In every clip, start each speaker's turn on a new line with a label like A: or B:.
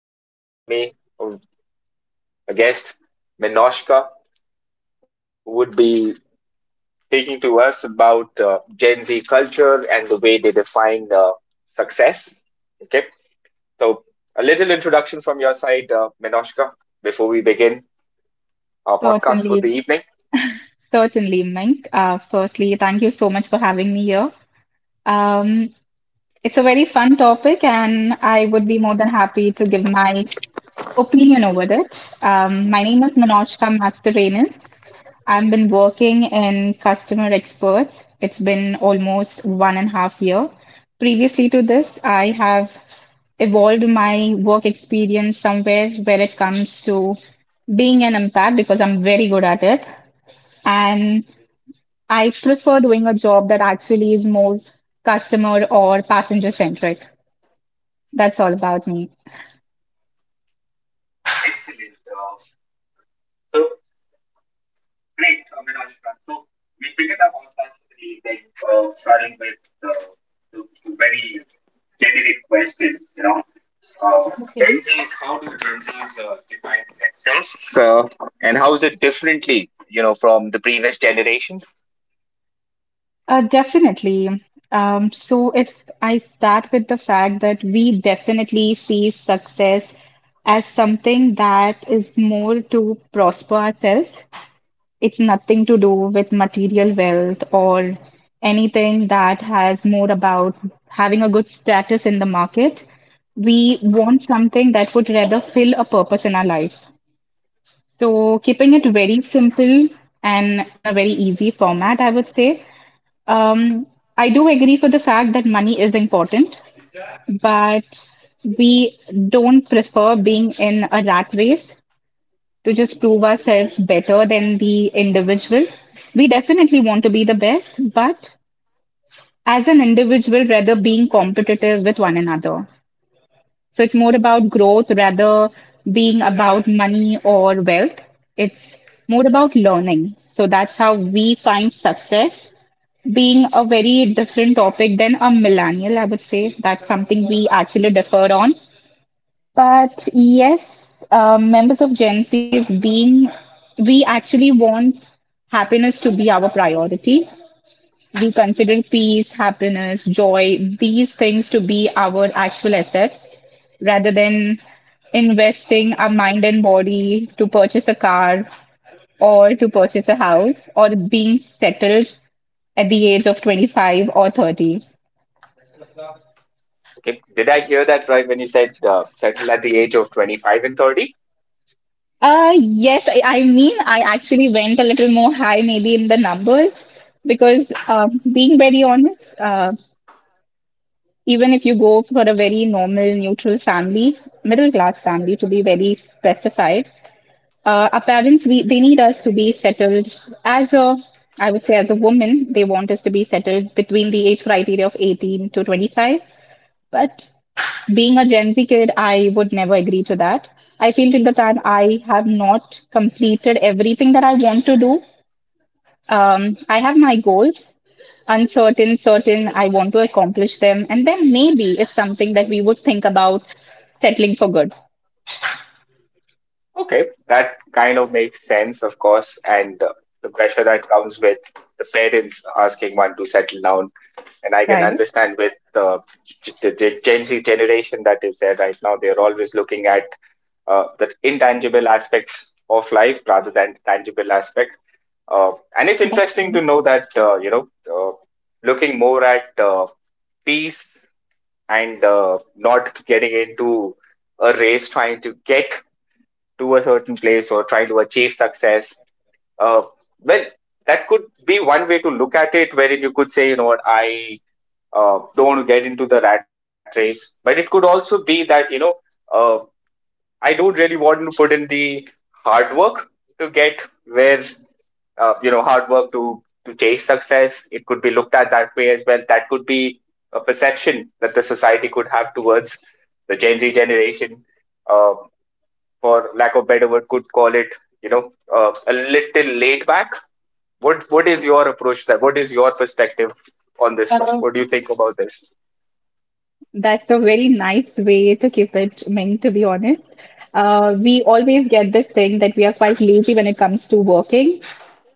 A: I have with me a guest, Minoshka, who would be speaking to us about Gen Z culture and the way they define success. Okay, so a little introduction from your side, Minoshka, before we begin our podcast for the
B: Certainly,
A: evening.
B: certainly, Mink. Firstly, thank you so much for having me here. Um, it's a very fun topic, and I would be more than happy to give my opinion over it. My name is Manojka Mascarenas. I've been working in customer experts. It's been almost 1.5 year. Previously to this, I have evolved my work experience somewhere where it comes to being an empath because I'm very good at it. And I prefer doing a job that actually is more customer or passenger centric. That's all about me.
A: Excellent. So Great, Minaj. So we begin our podcast with like, starting with the the very generic question. Uh,
B: Okay.
A: Gen Zs, how do Gen Zs define success? And how is it differently, from the previous generations?
B: Definitely. So if I start with the fact that we definitely see success as something that is more to prosper ourselves. It's nothing to do with material wealth or anything that has more about having a good status in the market. We want something that would rather fill a purpose in our life. So, keeping it very simple and in a very easy format, I would say. Um, I do agree for the fact that money is important, but we don't prefer being in a rat race to just prove ourselves better than the individual. We definitely want to be the best, but as an individual, rather being competitive with one another. So it's more about growth rather being about money or wealth. It's more about learning. So that's how we find success being a very different topic than a millennial, I would say. That's something we actually differ on. But yes, members of Gen Z is being, we actually want happiness to be our priority. We consider peace, happiness, joy, these things to be our actual assets rather than investing our mind and body to purchase a car or to purchase a house or being settled at the age of 25 or 30.
A: Okay, did I hear that right when you said settle at the age of 25 and 30?
B: Yes, I mean, I actually went a little more high, maybe in the numbers, because being very honest, even if you go for a very normal, neutral family, middle class family to be very specified, our parents, we, they need us to be settled as a, I would say, as a woman, they want us to be settled between the age criteria of 18 to 25. But being a Gen Z kid, I would never agree to that. I feel till the time I have not completed everything that I want to do, I have my goals, uncertain, certain, I want to accomplish them. And then maybe it's something that we would think about settling for good.
A: Okay, that kind of makes sense, of course, and the pressure that comes with the parents asking one to settle down, and I can understand with the Gen Z generation that is there right now. They're always looking at the intangible aspects of life rather than tangible aspect. Uh, and it's
B: That's
A: interesting to know that, looking more at peace, and not getting into a race trying to get to a certain place or trying to achieve success. Uh, well, that could be one way to look at it, wherein you could say, you know what, I don't want to get into the rat race. But it could also be that, uh, I don't really want to put in the hard work to get where, hard work to chase success. It could be looked at that way as well. That could be a perception that the society could have towards the Gen Z generation, uh, for lack of better word, could call it, a little laid back. What is your approach to that? What is your perspective on this one?
B: true.
A: What do you think about this?
B: That's a very nice way to keep it, Ming, to be honest. We always get this thing that we are quite lazy when it comes to working.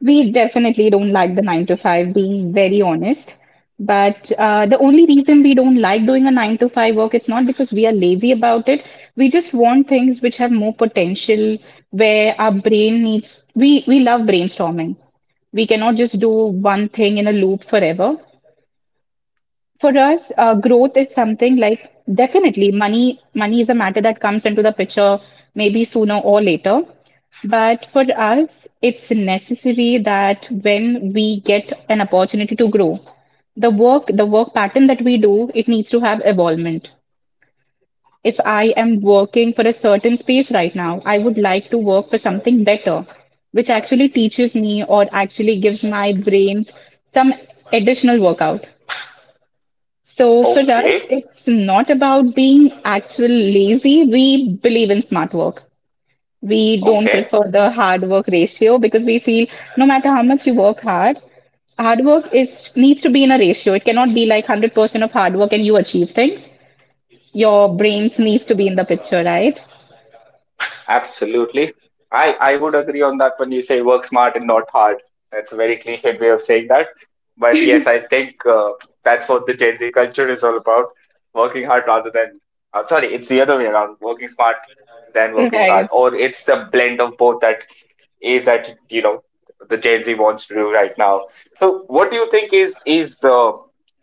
B: We definitely don't like the nine to five, being very honest. But the only reason we don't like doing a nine to five work, it's not because we are lazy about it. We just want things which have more potential, where our brain needs, we love brainstorming. We cannot just do one thing in a loop forever. For us, growth is something like definitely money. Money is a matter that comes into the picture maybe sooner or later. But for us, it's necessary that when we get an opportunity to grow, the work pattern that we do, it needs to have evolvement. If I am working for a certain space right now, I would like to work for something better, which actually teaches me or actually gives my brains some additional workout. So for
A: Okay,
B: us, it's not about being actual lazy. We believe in smart work. We don't
A: okay,
B: prefer the hard work ratio because we feel no matter how much you work hard, hard work is needs to be in a ratio. It cannot be like 100% of hard work and you achieve things. Your brains needs to be in the picture, right?
A: absolutely. I would agree on that when you say work smart and not hard. That's a very cliched way of saying that. But yes, I think that's what the Gen Z culture is all about: working hard rather than. Sorry, it's the other way around: working smart than working hard, or it's the blend of both that is that the Gen Z wants to do right now. So, what do you think is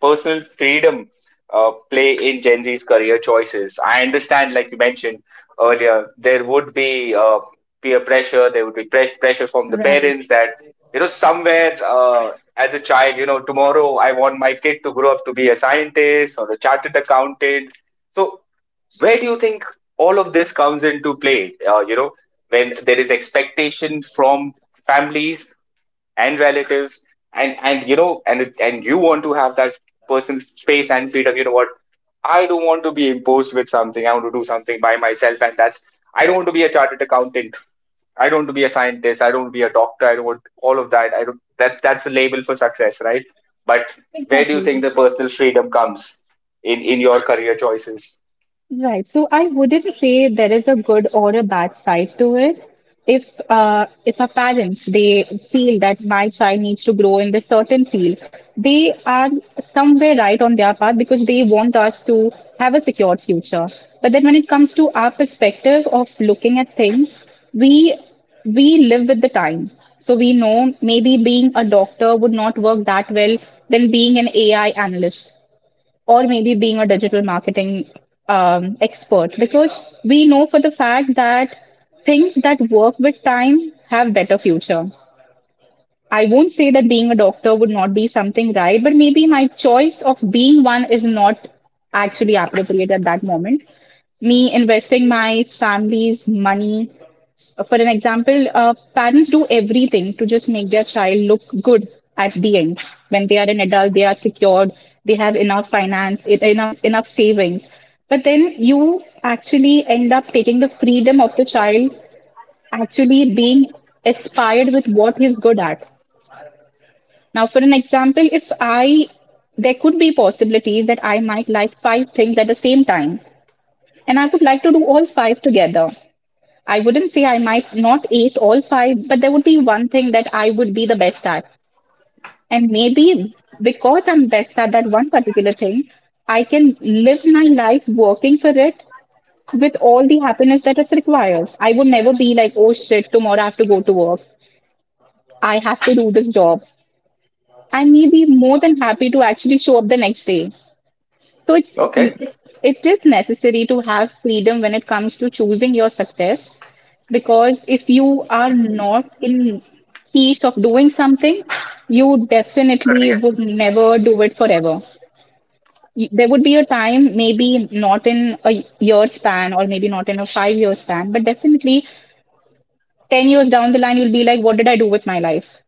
A: personal freedom play in Gen Z's career choices? I understand, like you mentioned earlier, there would be peer pressure, there would be pressure from the
B: Right,
A: parents that, somewhere, as a child, tomorrow I want my kid to grow up to be a scientist or a chartered accountant. So, where do you think all of this comes into play? You know, when there is expectation from families and relatives, and you know and it- and you want to have that personal space and freedom. You know what, I don't want to be imposed with something. I want to do something by myself. And that's I don't want to be a chartered accountant. I don't want to be a scientist. I don't want to be a doctor. I don't want all of that. I don't That's a label for success, right? But where do you
B: exactly.
A: think the personal freedom comes in your career choices?
B: Right. So I wouldn't say there is a good or a bad side to it. If a parents they feel that my child needs to grow in this certain field, they are somewhere right on their path because they want us to have a secured future. But then when it comes to our perspective of looking at things, we we live with the time. So we know maybe being a doctor would not work that well than being an AI analyst or maybe being a digital marketing expert because we know for the fact that things that work with time have better future. I won't say that being a doctor would not be something right, but maybe my choice of being one is not actually appropriate at that moment. Me investing my family's money, for an example, parents do everything to just make their child look good at the end. When they are an adult, they are secured, they have enough finance, enough savings. But then you actually end up taking the freedom of the child actually being aspired with what he's good at. Now, for an example, if I, there could be possibilities that I might like five things at the same time, and I would like to do all five together. I wouldn't say I might not ace all five, but there would be one thing that I would be the best at. And maybe because I'm best at that one particular thing, I can live my life working for it with all the happiness that it requires. I would never be like, oh shit, tomorrow I have to go to work. I have to do this job. I may be more than happy to actually show up the next day. So it's
A: Okay.
B: it is necessary to have freedom when it comes to choosing your success because if you are not in peace of doing something, you definitely would never do it forever. There would be a time, maybe not in a year span or maybe not in a 5 year span, but definitely 10 years down the line, you'll be like, what did I do with my life?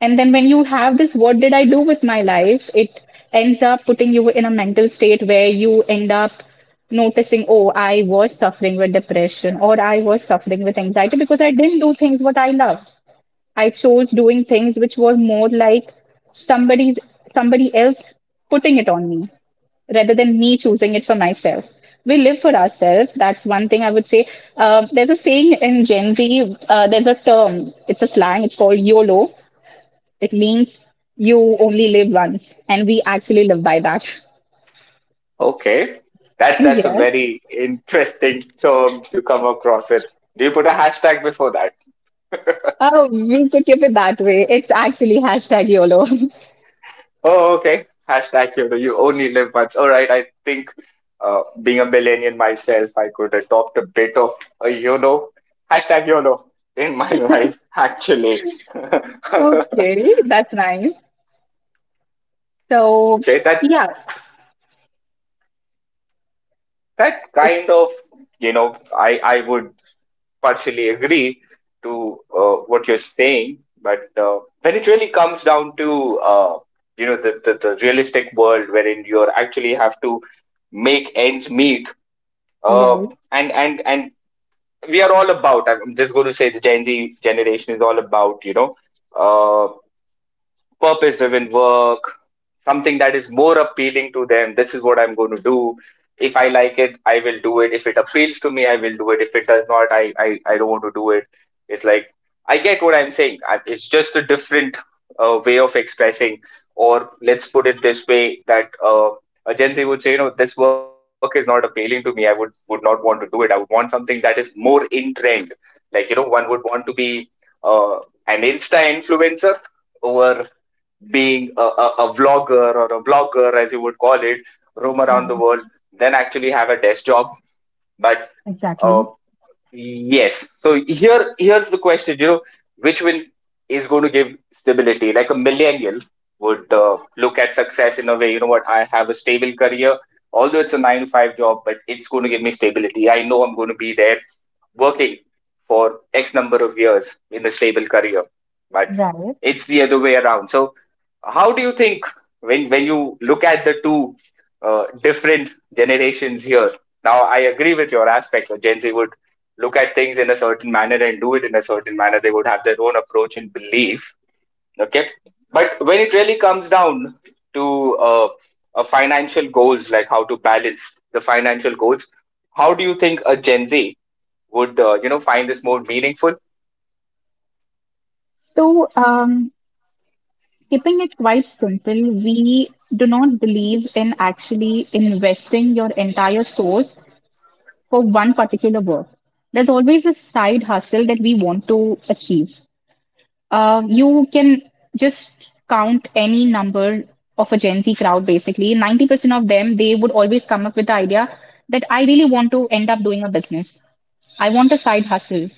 B: And then when you have this, what did I do with my life? It ends up putting you in a mental state where you end up noticing, oh, I was suffering with depression or I was suffering with anxiety because I didn't do things what I loved. I chose doing things which was more like somebody's somebody else putting it on me rather than me choosing it for myself. We live for ourselves. That's one thing I would say. There's a saying in Gen Z, there's a term, it's a slang, it's called YOLO. It means you only live once, and we actually live by that.
A: Okay. That's a
B: Yes.
A: very interesting term to come across with. Do you put a hashtag before that?
B: Oh, we could keep it that way. It's actually hashtag #YOLO.
A: Oh, okay. Hashtag you only live once. All right. I think being a millennial myself, I could adopt a bit of a YOLO, hashtag YOLO in my life, actually. Okay.
B: Okay, that's nice. So,
A: That,
B: yeah.
A: that
B: So,
A: kind of, I would partially agree to what you're saying, but when it really comes down to the realistic world wherein you're actually have to make ends meet, uh,
B: right,
A: and we are all about. I'm just going to say the Gen Z generation is all about. uh, Purpose driven work, something that is more appealing to them. This is what I'm going to do. If I like it, I will do it. If it appeals to me, I will do it. If it does not, I don't want to do it. It's like, I get what I'm saying. It's just a different way of expressing, or let's put it this way that a Gen Z would say, no, this work is not appealing to me. I would not want to do it. I would want something that is more in trend. Like, one would want to be uh, an Insta influencer over being a vlogger or a blogger, as you would call it, roam around the world, then actually have a desk job. But uh,
B: exactly.
A: yes, so here's the question, which one is going to give stability? Like a millennial would, look at success in a way, you know what, I have a stable career, although it's a 9-to-5 job, but it's going to give me stability. I know I'm going to be there working for X number of years in a stable career. But it's the other way around. So how do you think when you look at the two different generations here? Now I agree with your aspect that Gen Z would look at things in a certain manner and do it in a certain manner. They would have their own approach and belief. Okay. But when it really comes down to, financial goals, like how to balance the financial goals, how do you think a Gen Z would, find this more meaningful?
B: So, keeping it quite simple, we do not believe in actually investing your entire source for one particular work. There's always a side hustle that we want to achieve. You can just count any number of a Gen Z crowd, basically. 90% of them, they would always come up with the idea that I really want to end up doing a business. I want a side hustle.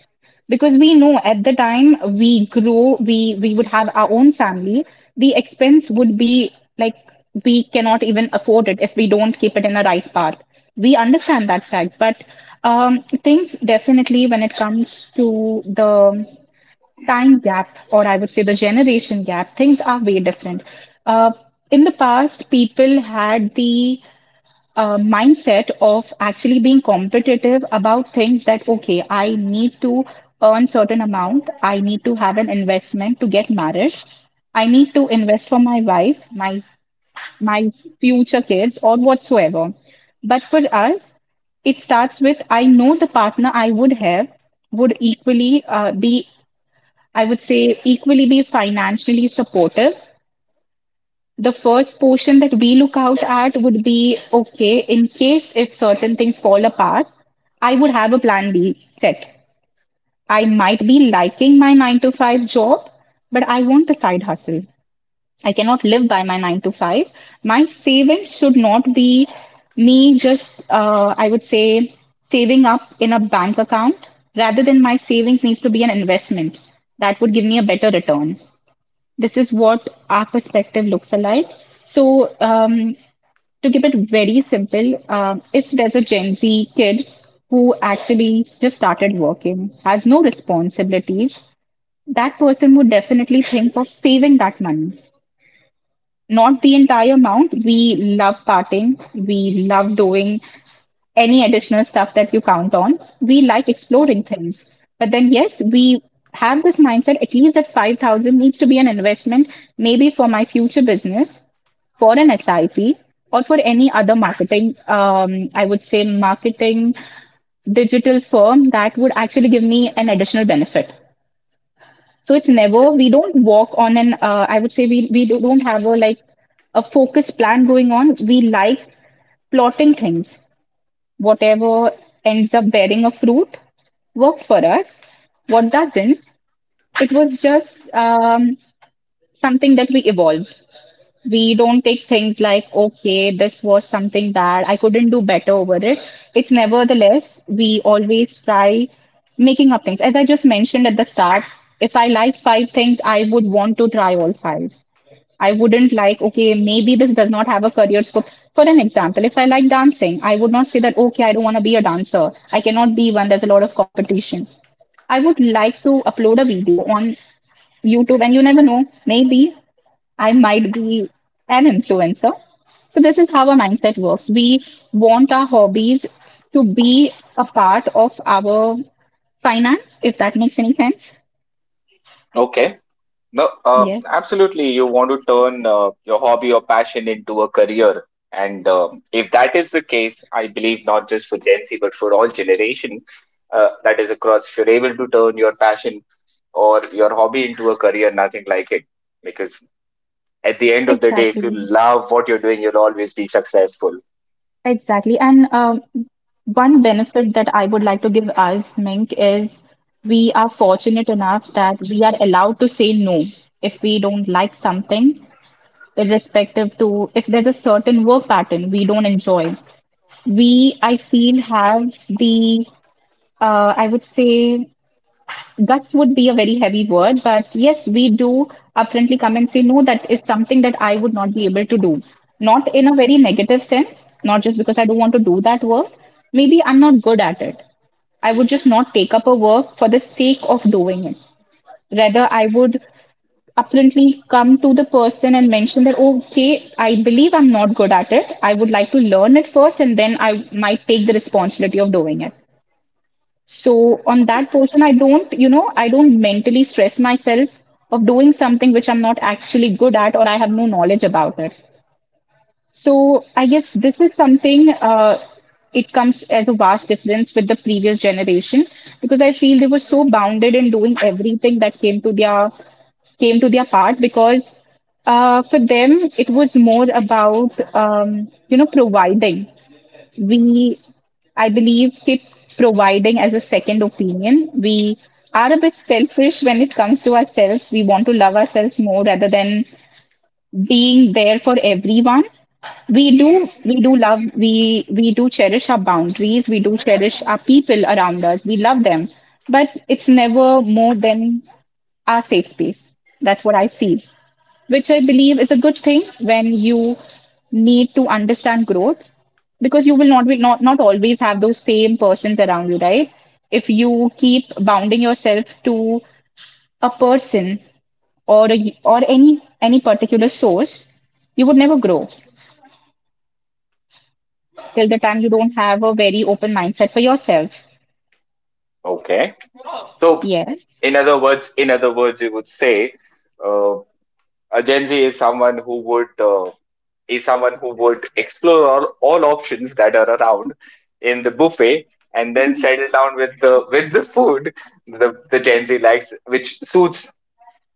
B: Because we know at the time we grow, we would have our own family, the expense would be like we cannot even afford it if we don't keep it in the right path. We understand that fact, but things definitely when it comes to the time gap, or I would say the generation gap, things are way different. Uh, in the past, people had the mindset of actually being competitive about things that, okay, I need to earn certain amount, I need to have an investment to get married, I need to invest for my wife, my future kids, or whatsoever. But for us, it starts with I know the partner I would have would equally be I would say equally be financially supportive. The first portion that we look out at would be okay, in case if certain things fall apart, I would have a plan B set. I might be liking my nine to five job, but I want the side hustle. I cannot live by my nine to five. My savings should not be me just, I would say, saving up in a bank account. Rather than my savings needs to be an investment that would give me a better return. This is what our perspective looks like. So, to keep it very simple, if there's a Gen Z kid who actually just started working, has no responsibilities, that person would definitely think of saving that money. Not the entire amount. We love partying. We love doing any additional stuff that you count on. We like exploring
A: Mhm.
B: things. But then, yes, we have this mindset at least that 5,000 needs to be an investment, maybe for my future business, for an SIP, or for any other marketing, I would say, marketing digital firm that would actually give me an additional benefit. So it's never, we don't walk on an, I would say, we don't have a like a focused plan going on. We like plotting things. Whatever ends up bearing a fruit works for us. What doesn't, it was just something that we evolved. We don't take things like, okay, this was something bad. I couldn't do better over it. It's nevertheless, we always try making up things. As I just mentioned at the start, if I like five things, I would want to try all five. I wouldn't like, okay, maybe this does not have a career scope. For an example, if I like dancing, I would not say that, okay, I don't want to be a dancer. I cannot be one. There's a lot of competition. I would like to upload a video on YouTube, and you never know, maybe I might be an influencer. So, this is how our mindset works. We want our hobbies to be a part of our finance, if that makes any sense.
A: Okay. No,
B: Yes,
A: absolutely. You want to turn your hobby or passion into a career. And if that is the case, I believe not just for Gen Z, but for all generation, that is across, if you're able to turn your passion or your hobby into a career, nothing like it. Because at the end of the day, if you
B: exactly.
A: love what you're doing, you'll always be successful.
B: Exactly. And one benefit that I would like to give us, Mink, is we are fortunate enough that we are allowed to say no if we don't like something, irrespective to if there's a certain work pattern we don't enjoy. We, I feel, have the, I would say, guts would be a very heavy word, but yes, we do upfrontly come and say, no, that is something that I would not be able to do. Not in a very negative sense, not just because I don't want to do that work. Maybe I'm not good at it. I would just not take up a work for the sake of doing it. Rather, I would upfrontly come to the person and mention that, okay, I believe I'm not good at it. I would like to learn it first, and then I might take the responsibility of doing it. So on that portion, I don't, I don't mentally stress myself of doing something which I'm not actually good at or I have no knowledge about it. So I guess this is something it comes as a vast difference with the previous generation because I feel they were so bounded in doing everything that came to their part because for them it was more about providing, we I believe keep providing as a second opinion. We are a bit selfish when it comes to ourselves. We want to love ourselves more rather than being there for everyone. We do, we do love, we do cherish our boundaries. We do cherish our people around us, we love them, but it's never more than our safe space. That's what I feel, which I believe is a good thing when you need to understand growth, because you will not be not, not always have those same persons around you, right? If you keep bounding yourself to a person or a, or any particular source, you would never grow till the time you don't have a very open mindset for yourself.
A: Okay. So,
B: Yes.
A: in other words, you would say, uh, a Gen Z is someone who would is someone who would explore all options that are around in the buffet, and then settle down with the food the, Gen Z likes, which suits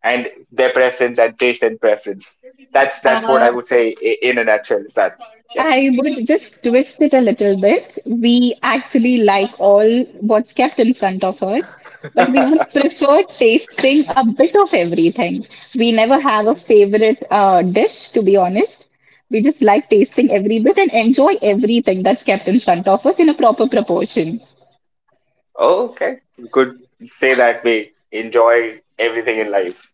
A: and their preference and taste and preference. That's what I would say, in a nutshell. Is that, yep?
B: I would just twist it a little bit. We actually like all what's kept in front of us, but we would prefer tasting a bit of everything. We never have a favorite dish, to be honest. We just like tasting every bit and enjoy everything that's kept in front of us in a proper proportion.
A: Okay, you could say that way. Enjoy everything in life.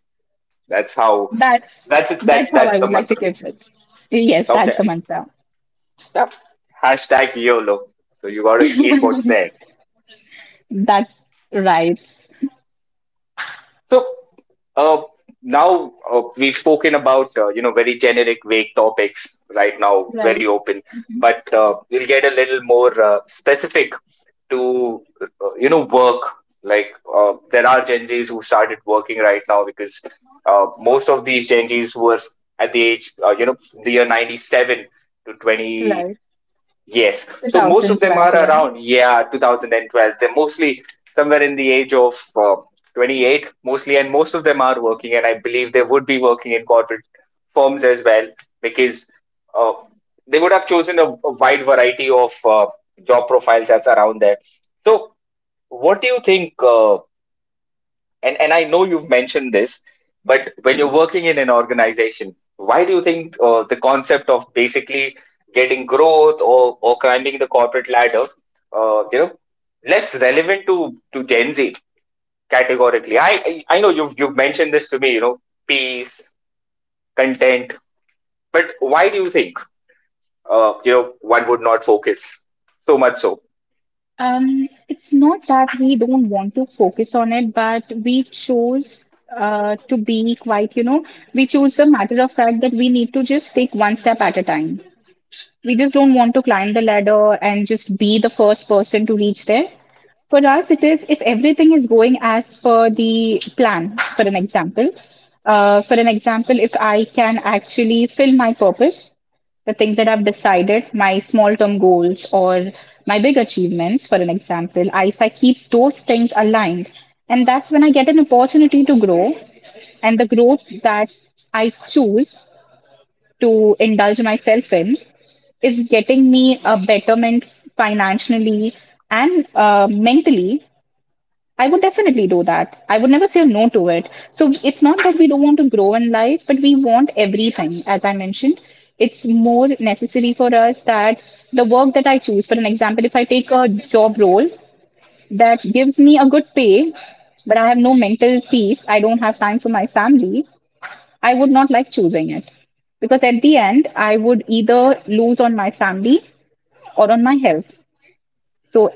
A: That's how.
B: That's
A: That's it.
B: that's how
A: That's
B: I
A: the
B: would like to
A: mantra.
B: give it. Yes, that's the
A: Okay.
B: mantra.
A: Yep. Hashtag YOLO. So you got to eat what's there.
B: That's right.
A: So, uh, now, we've spoken about, very generic, vague topics. Right now, very
B: Right,
A: open, but we'll get a little more specific to, work. Like, there are Gen Zs who started working right now because, most of these Gen Zs were at the age, the year ninety seven to 20.
B: right.
A: Yes. So most of them are
B: 2012.
A: around, yeah, 2012. They're mostly somewhere in the age of 28, mostly, and most of them are working. And I believe they would be working in corporate firms as well, because uh, they would have chosen a wide variety of job profiles that's around there. So, what do you think? And I know you've mentioned this, but when you're working in an organization, why do you think, the concept of basically getting growth or climbing the corporate ladder, uh, you know, less relevant to Gen Z categorically? I know you've mentioned this to me, you know, peace, content, but why do you think, one would not focus so much so?
B: It's not that we don't want to focus on it, but we chose to be quite, you know, we chose the matter of fact that we need to just take one step at a time. We just don't want to climb the ladder and just be the first person to reach there. For us, it is if everything is going as per the plan, for an example. For an example, if I can actually fill my purpose, the things that I've decided, my small term goals or my big achievements, for an example, I, if I keep those things aligned, and that's when I get an opportunity to grow. And the growth that I choose to indulge myself in is getting me a betterment financially and mentally, I would definitely do that. I would never say no to it. So it's not that we don't want to grow in life, but we want everything, as I mentioned. It's more necessary for us that the work that I choose, for an example, if I take a job role that gives me a good pay, but I have no mental peace, I don't have time for my family, I would not like choosing it because at the end, I would either lose on my family or on my health. So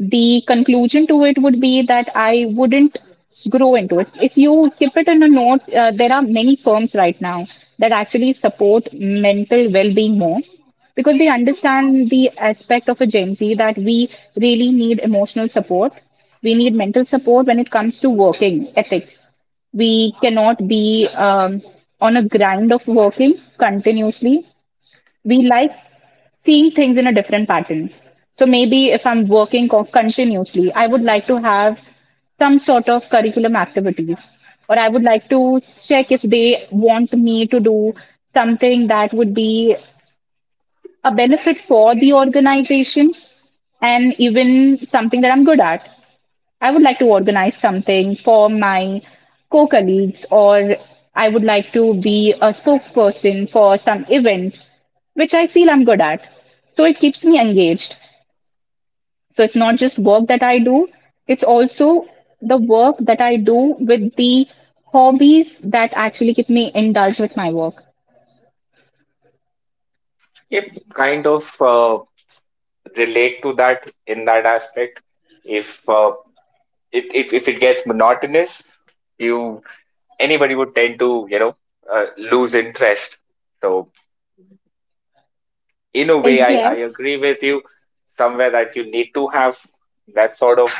B: the conclusion to it would be that I wouldn't grow into it. If you keep it in a note, there are many firms right now that actually support mental well being more because they understand the aspect of a Gen Z that we really need emotional support. We need mental support when it comes to working ethics. We cannot be on a grind of working continuously. We like seeing things in a different pattern. So maybe if I'm working continuously, I would like to have some sort of curriculum activities, or I would like to check if they want me to do something that would be a benefit for the organization and even something that I'm good at. I would like to organize something for my co colleagues, or I would like to be a spokesperson for some event, which I feel I'm good at. So it keeps me engaged. So it's not just work that I do, it's also the work that I do with the hobbies that actually keep me indulged with my work.
A: If kind of, relate to that in that aspect, if uh, if it gets monotonous, you anybody would tend to, lose interest. So in a way, I
B: Yes.
A: agree with you somewhere that you need to have that sort of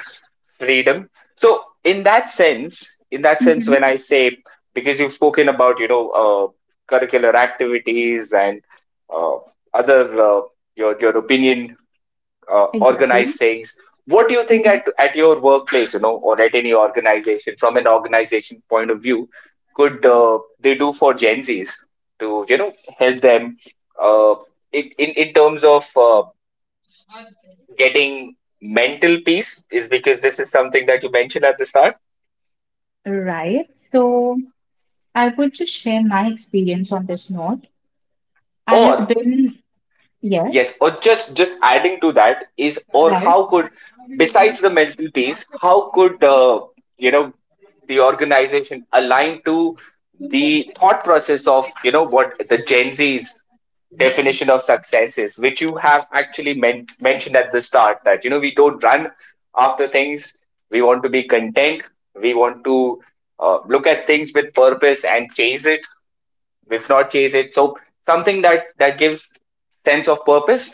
A: freedom. So in that sense,
B: Hmm.
A: when I say, because you've spoken about, curricular activities, and uh, other, your opinion,
B: Exactly.
A: organized things. What do you think
B: Hmm.
A: at your workplace, or at any organization, from an organization point of view, could, they do for Gen Zs to, help them, uh, in terms of, getting mental peace? Is because this is something that you mentioned at the start.
B: Right. So I would just share my experience on this note. I have
A: Or
B: been, yes.
A: yes, or just adding to that is, or
B: Right.
A: how could, besides the mental peace, how could, you know, the organization aligned to the thought process of, you know, what the gen z's definition of success is, which you have actually mentioned at the start. That you know we don't run after things, we want to be content, we want to look at things with purpose and chase it, we've not chased it, so something that gives sense of purpose.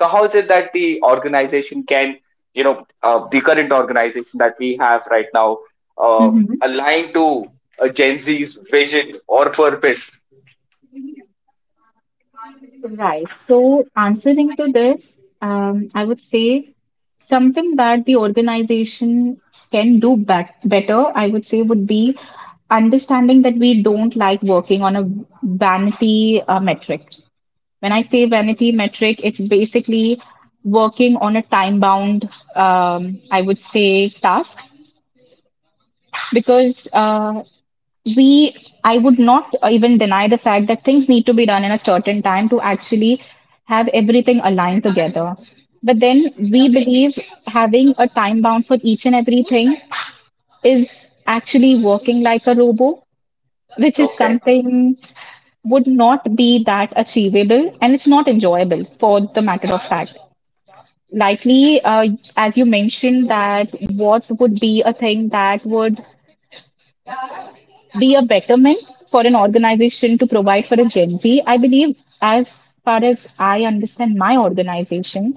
A: So how is it that the organization can, you know, the current organization that we have right now, uh, align to gen z's vision or purpose?
B: Right. So, answering to this, I would say something that the organization can do better, I would say, would be understanding that we don't like working on a vanity metric. When I say vanity metric, it's basically working on a time bound, I would say, task. Because we I would not even deny the fact that things need to be done in a certain time to actually have everything aligned together, but then we believe having a time bound for each and everything is actually working like a robo, which is
A: Okay.
B: something would not be that achievable, and it's not enjoyable for the matter of fact. Likely as you mentioned that what would be a thing that would be a betterment for an organization to provide for a Gen Z. I believe, as far as I understand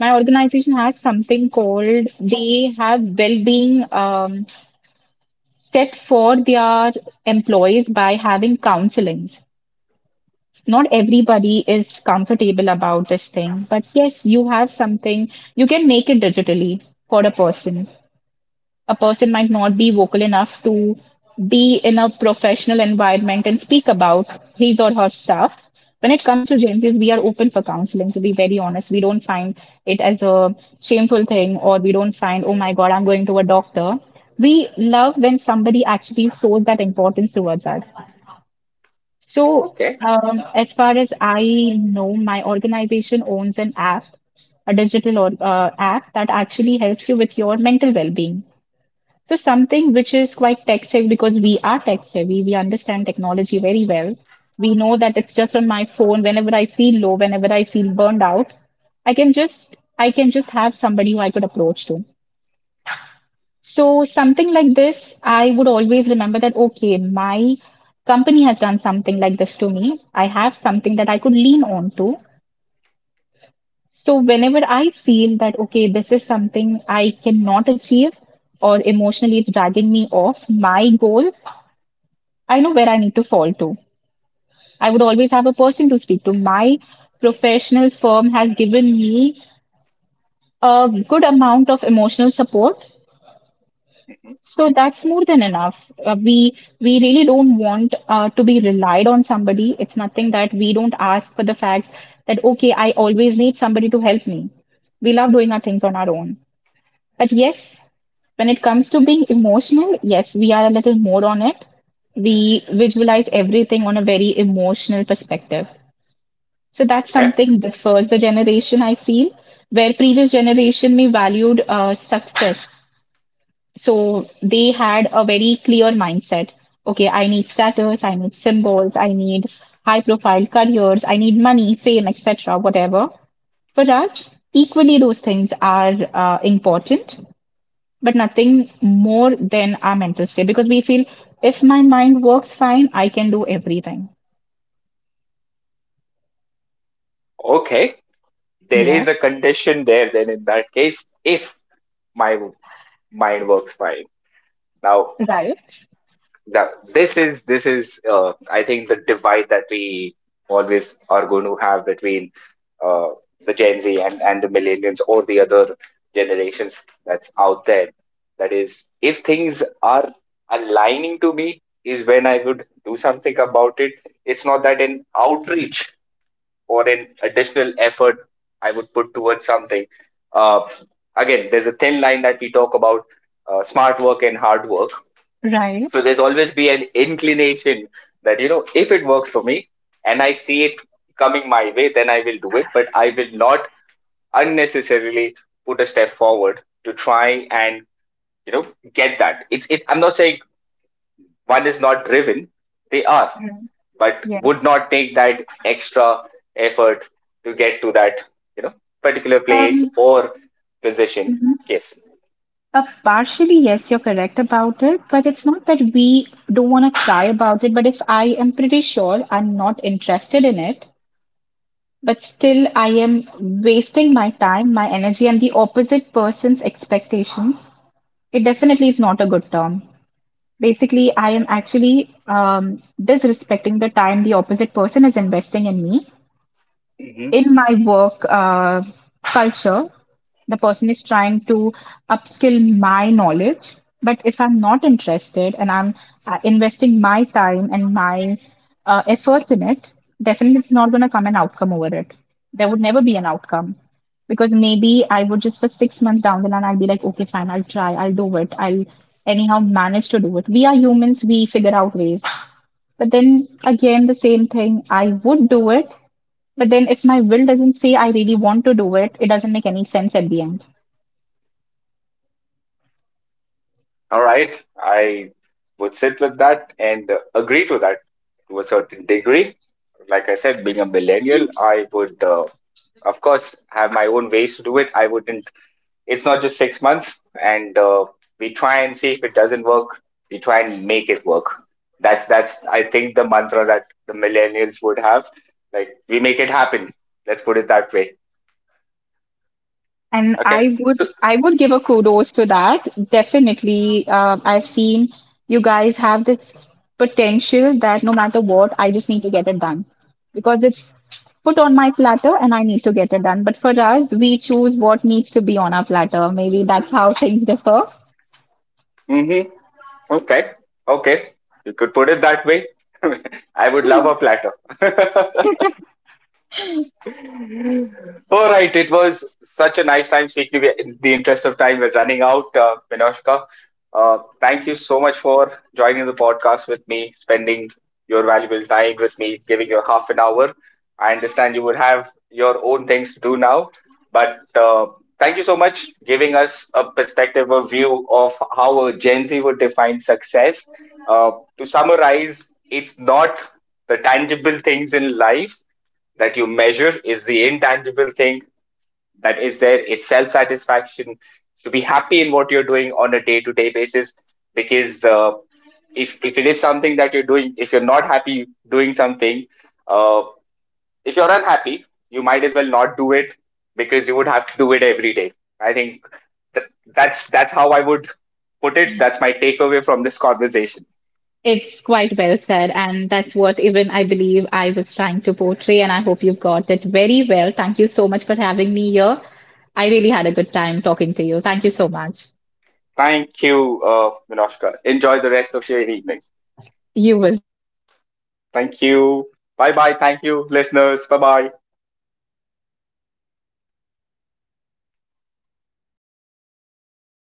B: my organization has something called they have well-being set for their employees by having counselings. Not everybody is comfortable about this thing, but yes, you have something, you can make it digitally. For a person, a person might not be vocal enough to be in a professional environment and speak about his or her stuff. When it comes to Gen Zs, we are open for counseling, to be very honest. We don't find it as a shameful thing, or we don't find, oh my God, I'm going to a doctor. We love when somebody actually shows that importance towards us. So,
A: Okay.
B: as far as I know, my organization owns an app, a digital or, app that actually helps you with your mental well being. So something which is quite tech savvy because we are tech savvy, we understand technology very well. We know that it's just on my phone. Whenever I feel low, whenever I feel burned out, I can just have somebody who I could approach to. So something like this, I would always remember that okay, my company has done something like this to me. I have something that I could lean on to. So whenever I feel that okay, this is something I cannot achieve or emotionally it's dragging me off my goals. I know where I need to fall to. I would always have a person to speak to. My professional firm has given me a good amount of emotional support. So that's more than enough. We really don't want to be relied on somebody. It's nothing that we don't ask for the fact that okay, I always need somebody to help me. We love doing our things on our own. But yes, when it comes to being emotional, yes, we are a little more on it. We visualize everything on a very emotional perspective. So that's
A: Okay.
B: something differs the generation, I feel, where previous generation may valued success. So they had a very clear mindset. Okay, I need status, I need symbols, I need high profile careers, I need money, fame, etc., whatever. For us, equally those things are important, but nothing more than our mental state because we feel if my mind works fine, I can do everything.
A: Okay, there is
B: Yes,
A: a condition there then, in that case, if my mind works fine now.
B: right.
A: Now, this is I think the divide that we always are going to have between uh, the Gen Z and the millennials or the other generations that's out there. That is, if things are aligning to me, is when I would do something about it. It's not that an outreach or an additional effort I would put towards something. Uh, Again, there's a thin line that we talk about smart work and hard work. So there's always be an inclination that, you know, if it works for me and I see it coming my way, then I will do it. But I will not unnecessarily put a step forward to try and, you know, get that. I'm not saying one is not driven, they are, but would not take that extra effort to get to that, you know, particular place
B: Um,
A: or position.
B: mhm.
A: Yes.
B: Partially, yes, you're correct about it, but it's not that we don't want to cry about it. But if I am pretty sure I'm not interested in it, but still I am wasting my time, my energy, and the opposite person's expectations, it definitely is not a good term. Basically, I am actually disrespecting the time the opposite person is investing in me
A: Mhm.
B: in my work culture, the person is trying to upskill my knowledge. But if I'm not interested and I'm investing my time and my efforts in it, definitely it's not going to come an outcome over it. There would never be an outcome because maybe I would just for 6 months down the line, I'll be like, okay, fine, I'll try, I'll do it, I'll anyhow manage to do it. We are humans, we figure out ways. But then again, the same thing, I would do it, but then if my will doesn't say I really want to do it, it doesn't make any sense at the end.
A: All right. I would sit with that and agree to that to a certain degree. Like I said, being a millennial, I would, of course, have my own ways to do it. I wouldn't, it's not just 6 months, and we try and see if it doesn't work, we try and make it work. That's, I think, the mantra that the millennials would have. Like, we make it happen. Let's put it that way.
B: And
A: Okay. So,
B: I would give a kudos to that. Definitely, I've seen you guys have this potential that no matter what, I just need to get it done because it's put on my platter and I need to get it done. But for us, we choose what needs to be on our platter. Maybe that's how things differ.
A: mhm. Okay. Okay. You could put it that way. I would love a platter. All right, it was such a nice time speaking. We- In the interest of time, we're running out, Minoshka. Thank you so much for joining the podcast with me, spending your valuable time with me, giving your half an hour. I understand you would have your own things to do now, but thank you so much giving us a perspective, a view of how a Gen Z would define success. Uh, to summarize, it's not the tangible things in life that you measure, is the intangible thing that is there. It's self satisfaction, to be happy in what you're doing on a day to day basis. Because if it is something that you're doing, if you're not happy doing something, uh, if you're unhappy, you might as well not do it because you would have to do it every day. I think that's how I would put it. That's my takeaway from this conversation.
B: It's quite well said, and that's what even I believe I was trying to portray, and I hope you've got it very well. Thank you so much for having me here. I really had a good time talking to you. Thank you so much.
A: Thank you, Minoshka. Enjoy the rest of your evening. Thank you. Bye bye. Thank you, listeners. Bye bye.